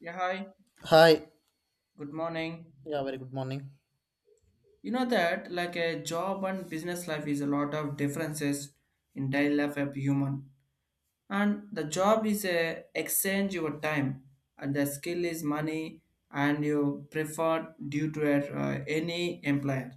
Yeah, hi. Hi. Good morning. Yeah, very good morning. You know that like a job and business life is a lot of differences in daily life of human. And the job is a exchange your time and the skill is money and you preferred due to a, any employer.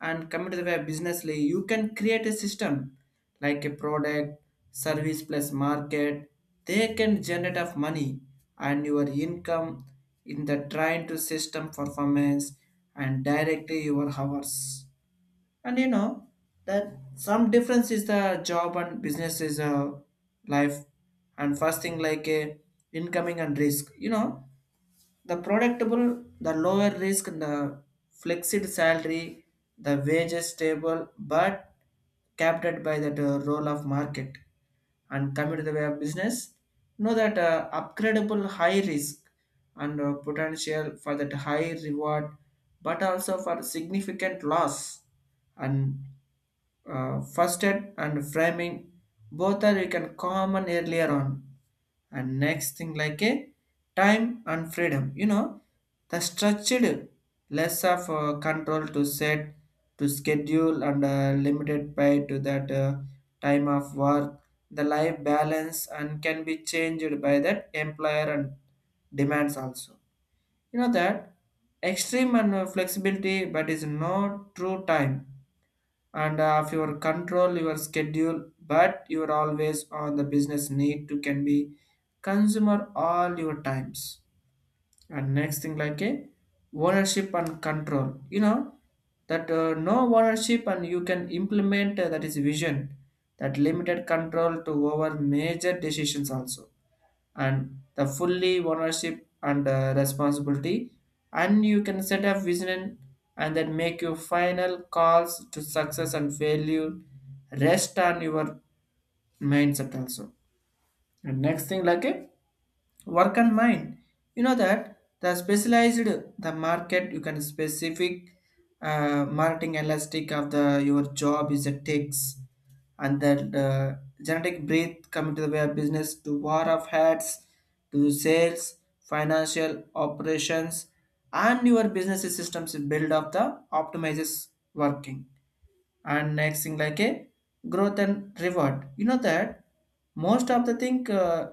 And coming to the way businessly you can create a system like a product service plus market they can generate of money and your income in the trying to system performance and directly your hours and you know that some difference is the job and business is a life. And first thing like a incoming and risk, you know, the predictable, the lower risk, the flexed salary, the wages stable but capped by that role of market. And coming to the way of business, know that upgradable high risk and potential for that high reward, but also for significant loss and firstead and framing both are you can common earlier on. And next thing like a time and freedom, you know, the structured, less of control to set to schedule and limited by to that time of work, the life balance and can be changed by that employer and demands also. You know that extreme and flexibility but is no true time, and if you control your schedule but you're always on the business need to can be consumer all your times. And next thing like a ownership and control, you know that no ownership and you can implement that is vision, that limited control to over major decisions also. And the fully ownership and responsibility, and you can set up vision and then make your final calls to success and failure rest on your mindset also. And next thing like it work and mind, you know that the specialized, the market you can specific marketing elastic of the your job is a takes, and that genetic breath. Coming to the way of business to war of hats, to sales, financial operations, and your business systems build up the optimizes working. And next thing like a growth and reward, you know that most of the thing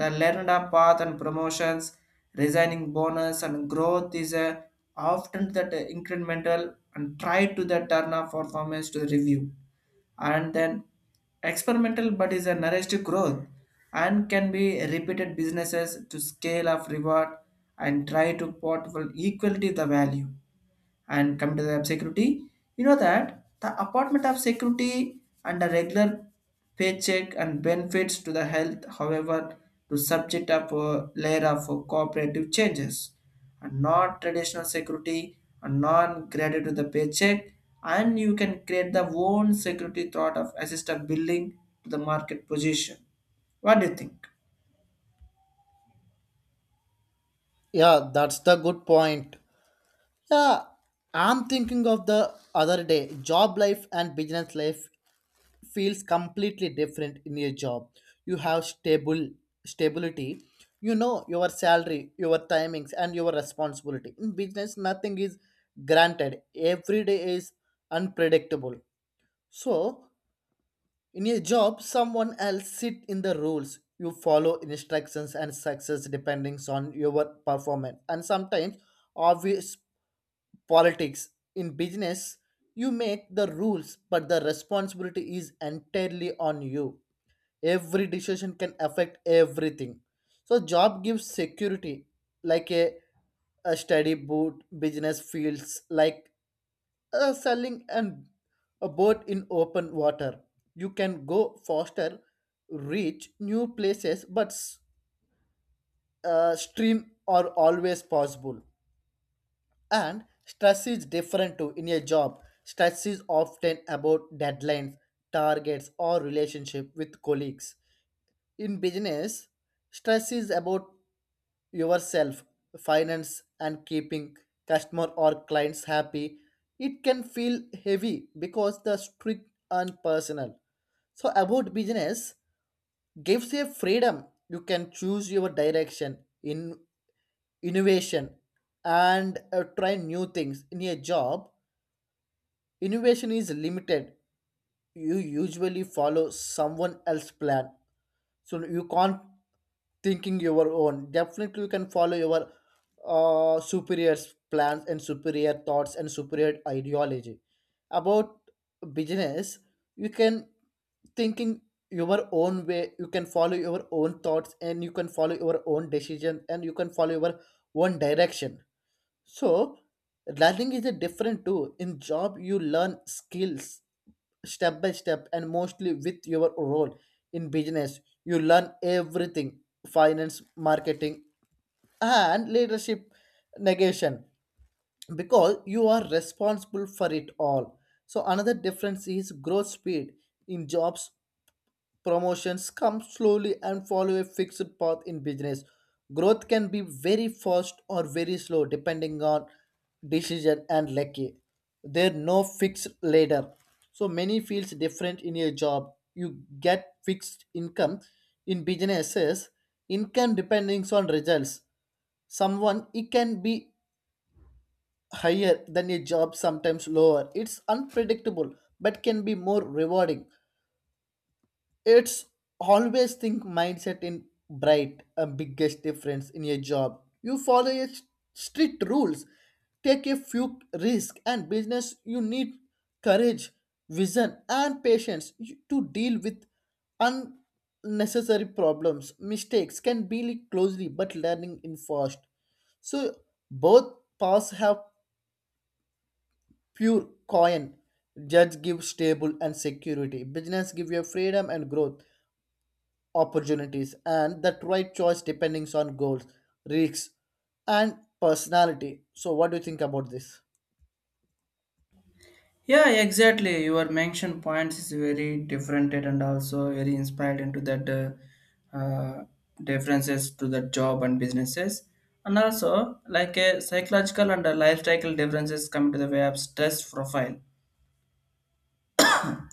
the learned up path and promotions, resigning bonus and growth is a often that incremental and try to the turn up performance to the review, and then experimental but is a narrative growth and can be repeated businesses to scale of reward and try to portfolio equality the value. And come to the web security, you know that the apartment of security and a regular paycheck and benefits to the health, however to subject of a layer of cooperative changes, and not traditional security and non-graded to the paycheck, and you can create the own security thought of assisted building to the market position. What do you think? Yeah, that's the good point. Yeah, I'm thinking of the other day. Job life and business life feels completely different in your job. You have stable stability. You know your salary, your timings, and your responsibility. In business, nothing is granted. Every day is unpredictable. So, in a job, someone else sit in the rules. You follow instructions and success depending on your performance. And sometimes obvious politics. In business, you make the rules, but the responsibility is entirely on you. Every decision can affect everything. So job gives security like a steady boot business feels like selling and a boat in open water. You can go faster, reach new places, but stream are always possible. And stress is different too in a job. Stress is often about deadlines, targets, or relationship with colleagues. In business, stress is about yourself, finance, and keeping customer or clients happy. It can feel heavy because the strict and personal. So about business gives you freedom. You can choose your direction in innovation and try new things. In a job, innovation is limited. You usually follow someone else's plan, so you can't thinking your own. Definitely you can follow your superiors plans and superior thoughts and superior ideology about business. You can thinking your own way, you can follow your own thoughts, and you can follow your own decision, and you can follow your own direction. So learning is a different too. In job you learn skills step by step and mostly with your role. In business you learn everything: finance, marketing, and leadership, negation, because you are responsible for it all. So another difference is growth speed. In jobs, promotions come slowly and follow a fixed path. In business, growth can be very fast or very slow depending on decision and lucky. There no fixed ladder. So many feels different in your job. You get fixed income. In businesses, income depending on results. Someone it can be higher than a job, sometimes lower. It's unpredictable but can be more rewarding. It's always think mindset in bright a biggest difference in your job. You follow a strict rules, take a few risk. And business you need courage, vision and patience to deal with unnecessary problems. Mistakes can be closely but learning in fast. So both paths have pure coin. Judge give stable and security. Business give you freedom and growth opportunities, and that right choice depending on goals, risks, and personality. So, what do you think about this? Yeah, exactly. Your mention points is very different and also very inspired into that uh, uh, differences to the job and businesses. And also, like a psychological and a lifestyle differences come to the way of stress profile.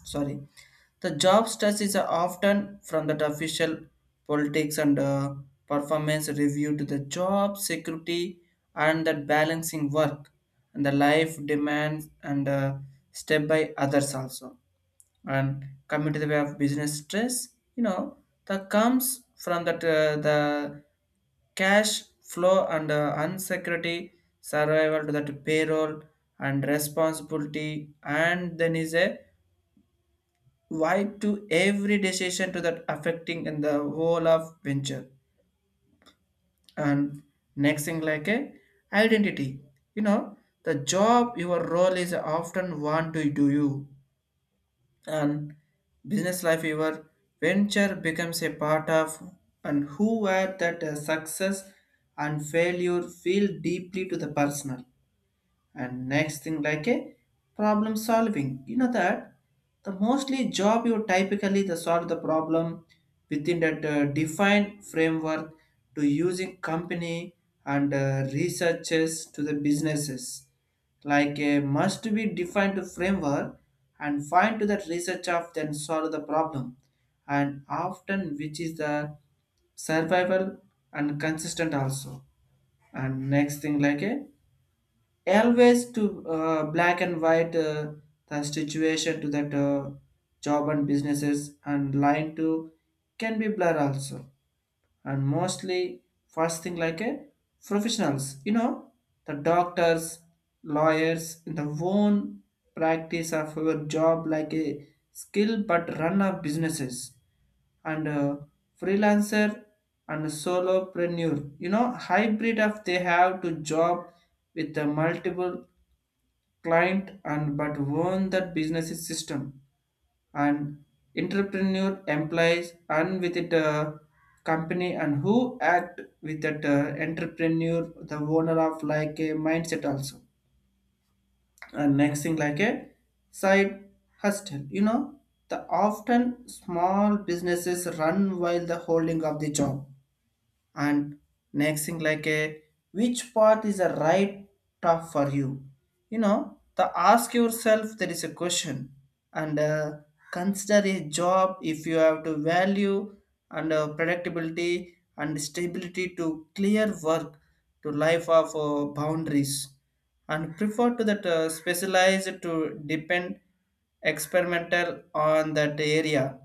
Sorry, the job stress is often from that official politics and performance review to the job security and that balancing work and the life demands and step by others also. And coming to the way of business stress, you know that comes from that the cash flow and unsecurity survival to that payroll and responsibility, and then is a why to every decision to that affecting in the whole of venture. And next thing like a identity, you know the job your role is often want to do you, and business life your venture becomes a part of and who were that success and failure feel deeply to the personal. And next thing like a problem solving, you know that the mostly job you typically the solve the problem within that defined framework to using company and researchers to the businesses like a must be defined to framework and find to that research of then solve the problem, and often which is the survival and consistent also. And next thing like a always to black and white the situation to that job and businesses and line to can be blur also. And mostly first thing like a professionals, you know the doctors, lawyers in the own practice of your job like a skill but run of businesses, and freelancer and solopreneur, you know hybrid of they have to job with the multiple client and but warn that business is system, and entrepreneur employees and with it company and who act with that entrepreneur the owner of like a mindset also. And next thing like a side hustle, you know the often small businesses run while the holding of the job. And next thing like a which path is a right path for you, you know the ask yourself there is a question, and consider a job if you have to value and predictability and stability to clear work to life of boundaries, and prefer to that specialized to depend experimental on that area,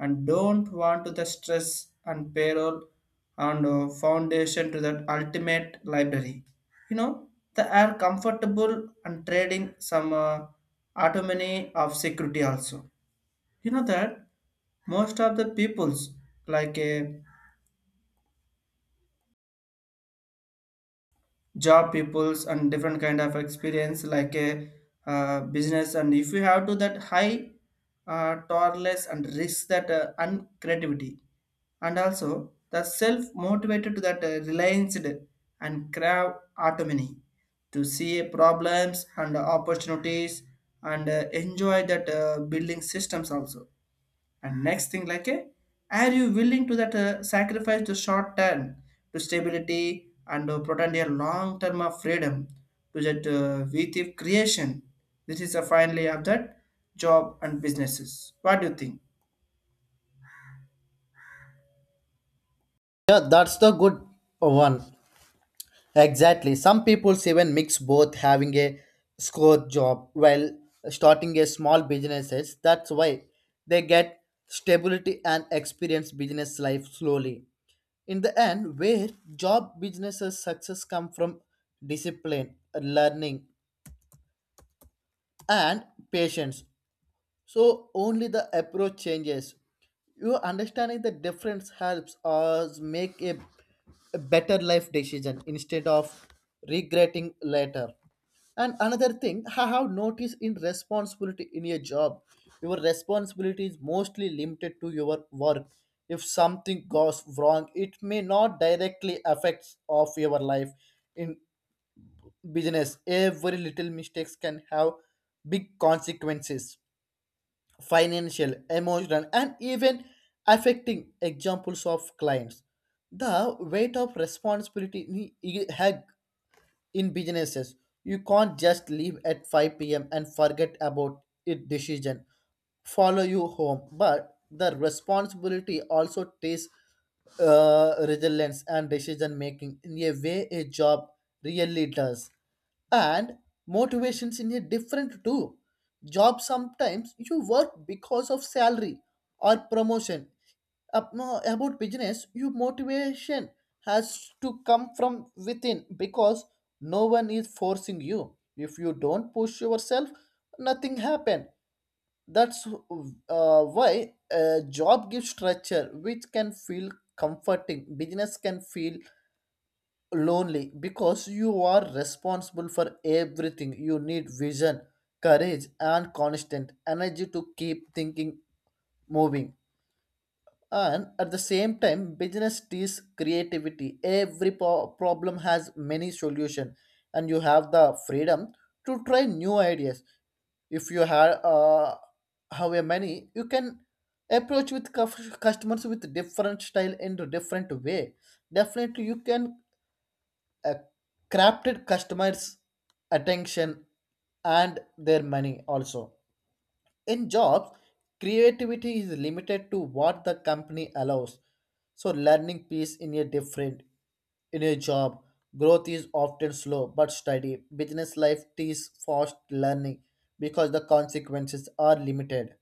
and don't want to the stress and payroll and foundation to that ultimate library. You know, they are comfortable and trading some autonomy of security also. You know that most of the peoples like a job peoples and different kind of experience like a business, and if you have to that high tolerance and risk that and creativity and also the self motivated to that reliance and crave autonomy to see problems and opportunities and enjoy that building systems also. And next thing, are you willing to that sacrifice the short term to stability and protect your long term of freedom to that VTIP creation? This is a finally of that job and businesses. What do you think? Yeah, that's the good one. Exactly. Some people even mix both, having a score job while starting a small businesses. That's why they get stability and experience business life slowly. In the end, where job businesses success come from discipline, learning, and patience. So only the approach changes. You understanding the difference helps us make a better life decision instead of regretting later. And another thing I have noticed in responsibility: in a job, your responsibility is mostly limited to your work. If something goes wrong, it may not directly affect of your life. In business, every little mistakes can have big consequences: financial, emotional, and even affecting examples of clients. The weight of responsibility hug in businesses. You can't just leave at 5 p.m. and forget about it. Decision follow you home, but the responsibility also takes resilience and decision making in a way a job really does. And motivations in a different too. Job, sometimes you work because of salary or promotion up. More about business, your motivation has to come from within, because no one is forcing you. If you don't push yourself, nothing happen. That's why a job gives structure, which can feel comforting. Business can feel lonely because you are responsible for everything. You need vision, courage, and constant energy to keep thinking moving. And at the same time, business teaches creativity. Every problem has many solutions, and you have the freedom to try new ideas. If you have however many, you can approach with customers with different style and different way. Definitely, you can uh, crafted customers' attention and their money also. In jobs, creativity is limited to what the company allows. So learning piece in a different. In a job, growth is often slow but steady. Business life teaches fast learning because the consequences are limited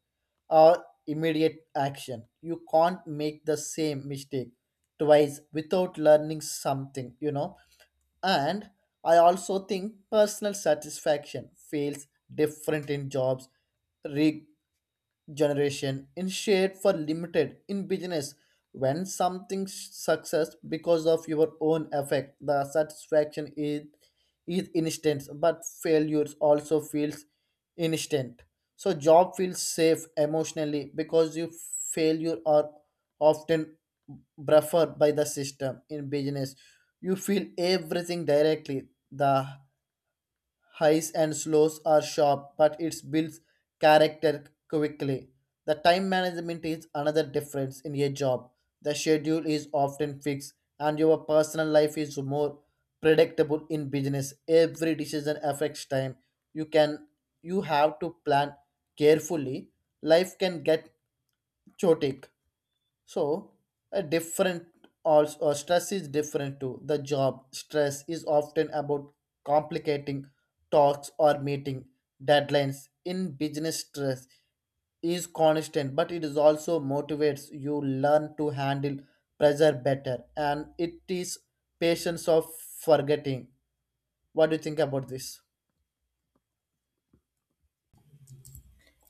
or immediate action. You can't make the same mistake twice without learning something. And I also think personal satisfaction feels different in jobs. re- Generation instead for limited in business. When something success because of your own effect, the satisfaction is instant, but failures also feels instant. So job feels safe emotionally because you failure are often preferred by the system. In business you feel everything directly. The highs and slows are sharp, but it builds character quickly. The time management is another difference. In a job, the schedule is often fixed, and your personal life is more predictable. In business, every decision affects time. You can you have to plan carefully. Life can get chaotic. So, a different also. Stress is different to. The job stress is often about complicating talks or meeting deadlines. In business, stress is constant, but it is also motivates. You learn to handle pressure better, and it is patience of forgetting. What do you think about this?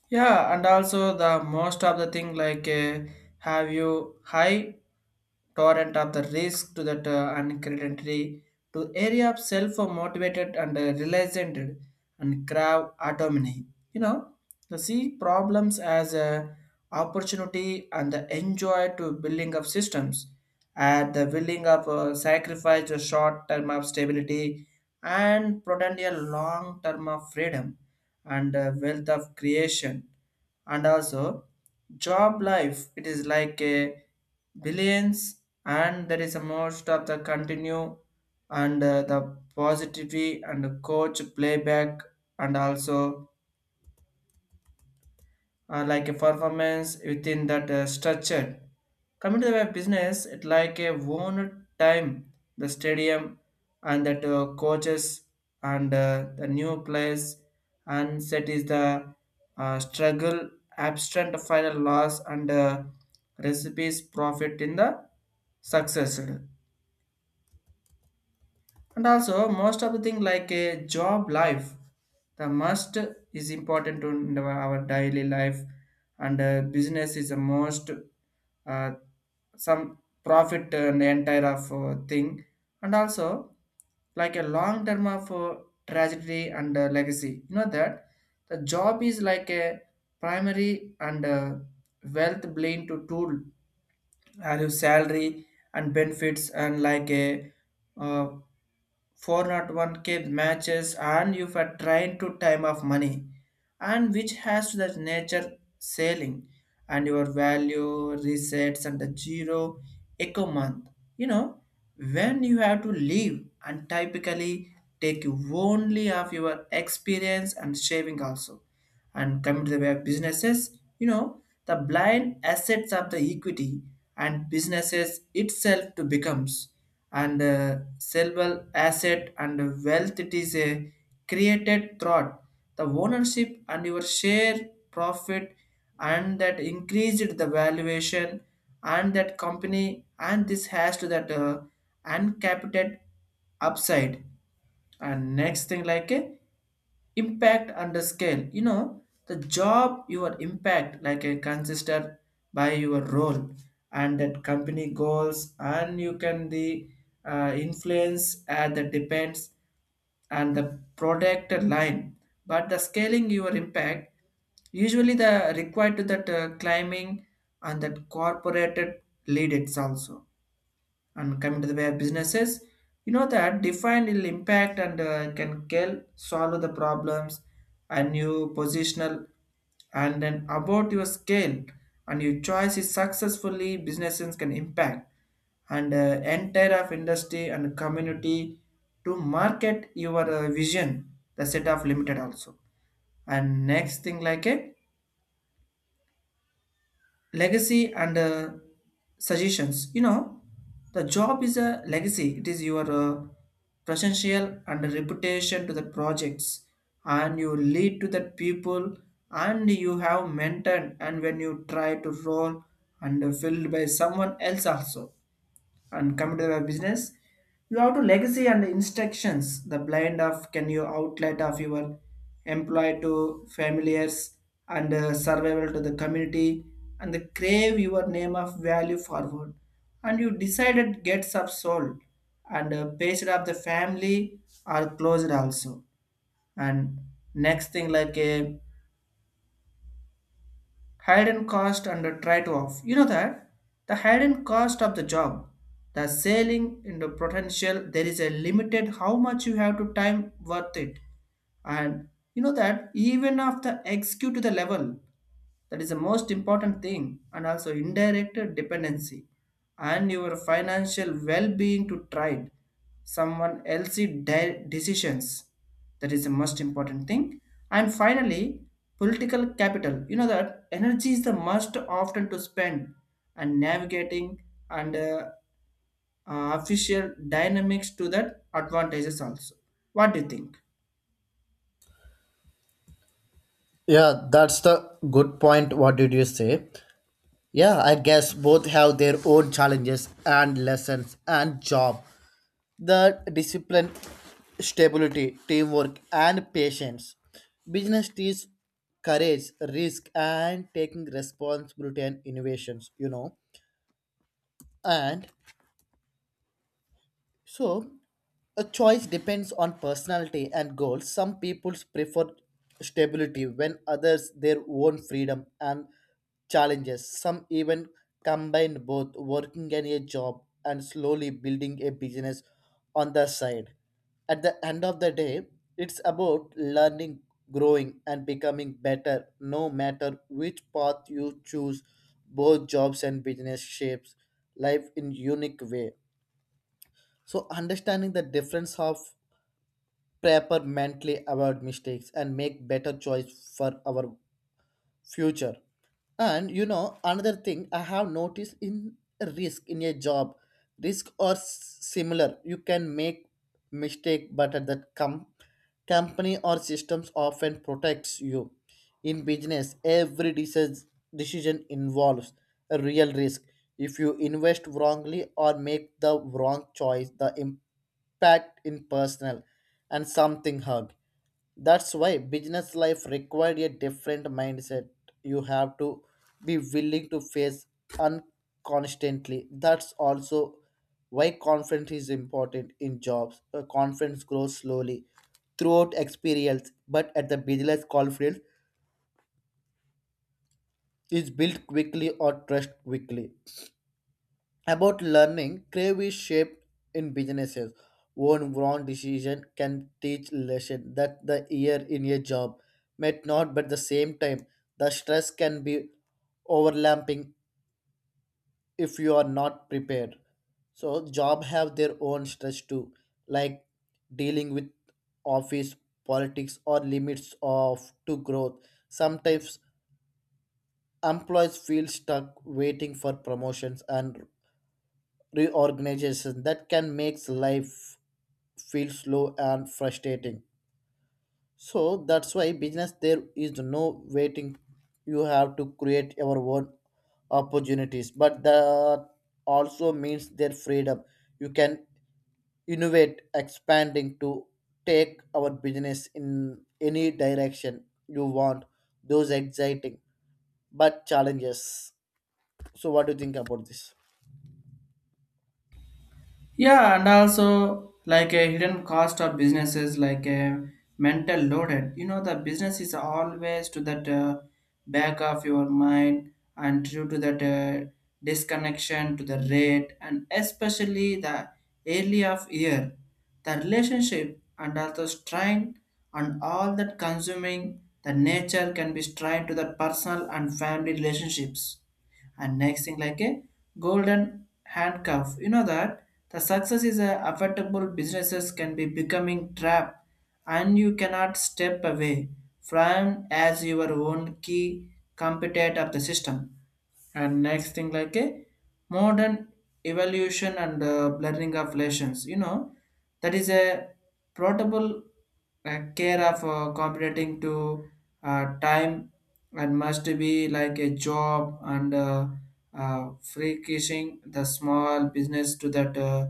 Yeah, and also the most of the thing like have you high torrent of the risk to that uncertainty to area of self-motivated and realized and crave autonomy. You know, to see problems as a opportunity and the enjoy to building of systems at the willing of sacrifice a short term of stability and prudent a long term of freedom and wealth of creation. And also job life it is like a billions, and there is a most of the continue and the positivity and the coach playback, and also like a performance within that structure. Coming to the web business, it like a one time the stadium and that coaches and the new players and set is the struggle, abstract final loss and recipes profit in the success. And also, most of the thing like a job life, the must is important to in our daily life, and business is the most uh, some profit and entire of thing, and also like a long term of tragedy and legacy. You know that the job is like a primary and wealth blend to tool, value, salary and benefits, and like a uh, 401k matches and you are trying to time of money and which has the nature sailing and your value resets and the zero echo month, you know, when you have to leave and typically take you only of your experience and shaving also. And come to the way of businesses, you know the blind assets of the equity, and businesses itself to becomes and sellable asset and wealth it is a created thought the ownership and your share profit and that increased the valuation and that company and this has to that uncapited upside. And next thing like a impact and the scale, you know the job your impact like a consisted by your role and that company goals and you can the influence at the depends and the product line, but the scaling your impact usually the required to that climbing and that corporated lead it's also. And coming to the way of businesses, you know that define will impact and can kill solve the problems and you positional and then about your scale, and your choice is successfully businesses can impact and entire of industry and community to market your vision the set of limited also. And next thing like it legacy and suggestions, you know the job is a legacy it is your presential and reputation to the projects and you lead to the people and you have mentored and when you try to roll and filled by someone else also. And computer or business you have to legacy and instructions the blend of can you outlet of your employee to familiars and survival to the community and the crave your name of value forward and you decided gets up sold And pasted up the family are closed also. And next thing like a hidden cost and the write off. You know that the hidden cost of the job, the selling in the potential, there is a limited how much you have to time worth it. And you know that even of the execute to the level. That is the most important thing, and also indirect dependency and your financial well-being to trade someone else's decisions. That is the most important thing. And finally, political capital. You know that energy is the most often to spend and navigating and official dynamics to that advantages also. What do you think? Yeah, that's the good point. What did you say? Yeah, I guess both have their own challenges and lessons. And job, the discipline, stability, teamwork, and patience. Business teaches courage, risk, and taking responsibility and innovations. And so, a choice depends on personality and goals. Some people prefer stability, when others their own freedom and challenges. Some even combine both, working in a job and slowly building a business on the side. At the end of the day, it's about learning, growing, and becoming better, no matter which path you choose. Both jobs and business shapes life in unique way. So understanding the difference of prepare mentally about mistakes and make better choice for our future. And another thing I have noticed in risk: in a job, risk or similar. You can make mistake, but at that company or systems often protects you. In business every decision involves a real risk. If you invest wrongly or make the wrong choice, the impact in personal and something hard. That's why business life required a different mindset. You have to be willing to face unconstantly. That's also why confidence is important in jobs. Confidence grows slowly throughout experience, but at the business confidence is built quickly or trust quickly. About learning, crave is shaped in businesses. One wrong decision can teach lesson that the year in a job might not. But the same time, the stress can be overlapping if you are not prepared. So job have their own stress too, like dealing with office politics or limits of to growth. Sometimes employees feel stuck waiting for promotions and reorganization, that can make life feel slow and frustrating. So that's why business there is no waiting. You have to create your own opportunities, but that also means their freedom. You can innovate, expanding to take our business in any direction you want. Those exciting but challenges. So what do you think about this? Yeah, and also like a hidden cost of businesses, like a mental loaded. You know, the business is always to that back of your mind and due to that disconnection to the rate and especially the early of year, the relationship and also strain and all that consuming the nature can be strained to the personal and family relationships and next thing like a golden handcuff. You know that the success is a affordable businesses can be becoming trap and you cannot step away from as your own key component of the system. And next thing like a modern evaluation and blurring of relations. You know that is a portable care of competing to time and must be like a job and free kissing the small business to that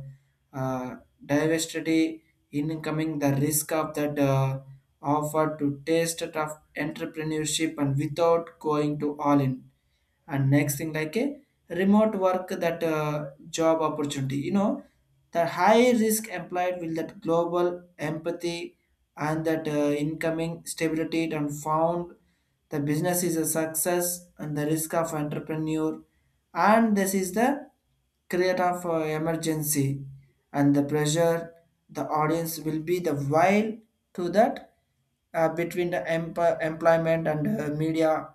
uh, diversity incoming the risk of that offer to taste it of entrepreneurship and without going to all in. And next thing like a remote work that job opportunity. You know the high risk employed will that global empathy and that incoming stability and found the business is a success and the risk of entrepreneur. And this is the create of emergency and the pressure the audience will be the while to that between the employment and media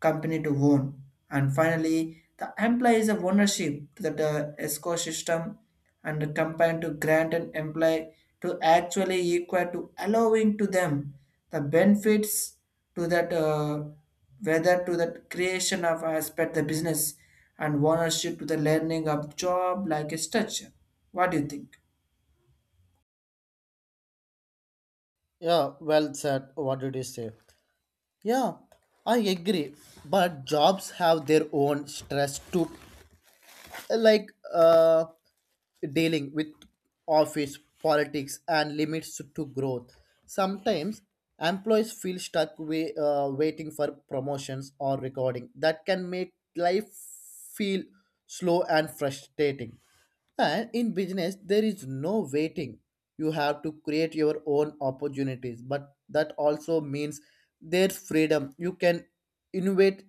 company to own. And finally, the employee is a ownership to the ecosystem and the company to grant an employee to actually equal to allowing to them the benefits to that whether to the creation of aspect the business and ownership to the learning of job like a structure. What do you think? Yeah, well said. What did you say? Yeah, I agree. But jobs have their own stress too. Like, dealing with office politics and limits to growth. Sometimes employees feel stuck waiting for promotions or recording. That can make life feel slow and frustrating. And in business, there is no waiting. You have to create your own opportunities, but that also means there's freedom. You can innovate,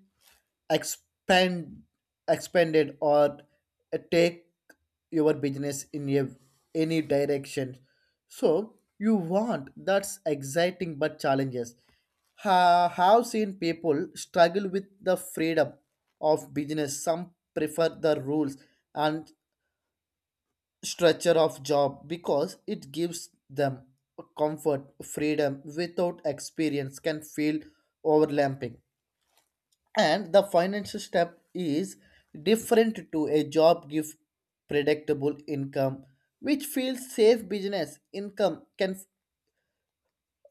expand expanded or take your business in any direction so you want. That's exciting but challenges. Have seen people struggle with the freedom of business. Some prefer the rules and structure of job because it gives them comfort. Freedom without experience can feel overlapping. And the financial step is different to. A job give predictable income which feels safe. Business income can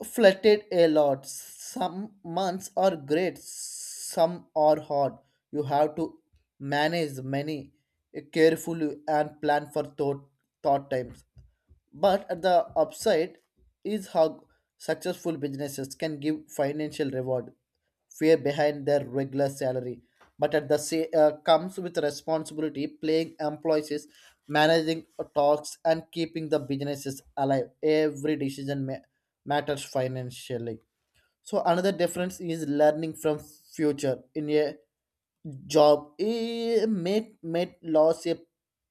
flatted a lot. Some months are great, some are hard. You have to manage many carefully and plan for thought times. But at the upside is how successful businesses can give financial reward fear behind their regular salary. But at the same comes with responsibility, playing employees, managing talks and keeping the businesses alive. Every decision matters financially. So another difference is learning from future. In a job, it may loss a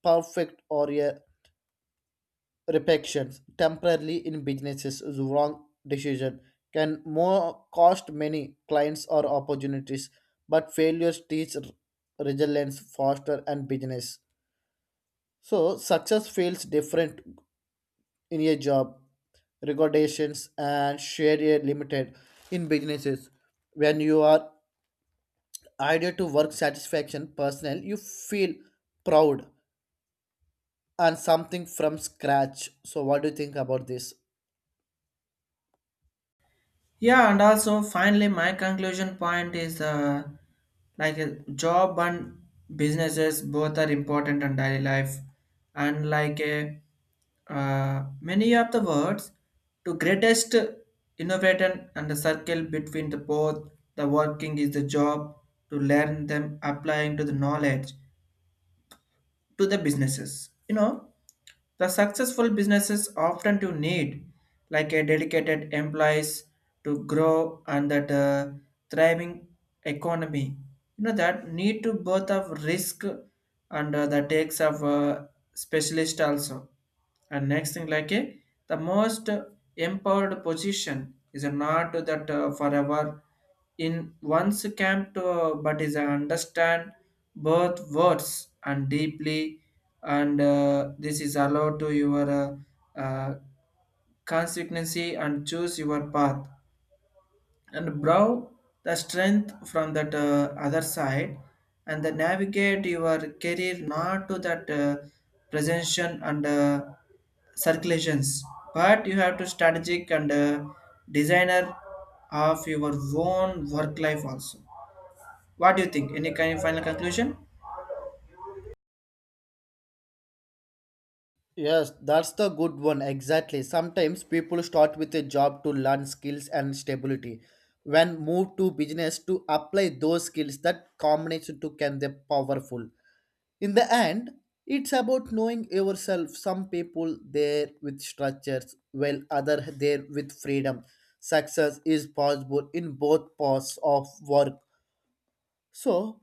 perfect or a repetitions temporarily. In businesses is wrong decision can more cost many clients or opportunities, but failures teach resilience, faster and business. So success feels different. In a job, regulations and share a limited. In businesses, when you are idea to work satisfaction personal, you feel proud and something from scratch. So what do you think about this? Yeah, and also finally, my conclusion point is like a job and businesses both are important in daily life, and like a many of the words to greatest innovator and the circle between the both the working is the job to learn them applying to the knowledge to the businesses. You know, the successful businesses often do need like a dedicated employees to grow and that thriving economy. You know that need to both of risk and the takes of specialist also. And next thing like a the most empowered position is not that forever in one's camp to, but is understand birth words and deeply and this is allowed to your constituency and choose your path and brow the strength from that other side and the navigate your career not to that presentation and circulations but you have to strategic and designer of your own work life also. What do you think? Any kind of final conclusion? Yes, that's the good one. Exactly. Sometimes people start with a job to learn skills and stability. When move to business to apply those skills, that combination too can be powerful. In the end, it's about knowing yourself. Some people there with structures, while other there with freedom. Success is possible in both paths of work. So,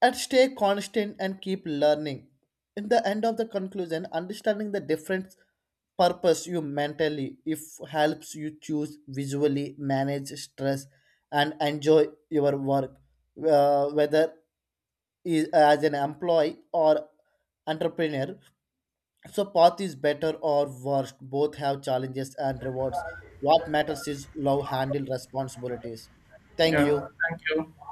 and stay constant and keep learning. In the end of the conclusion, understanding the different purpose you mentally if helps you choose visually, manage stress and enjoy your work, whether is as an employee or entrepreneur. So path is better or worse. Both have challenges and rewards. What matters is love handle responsibilities. Thank Yeah, you. thank you.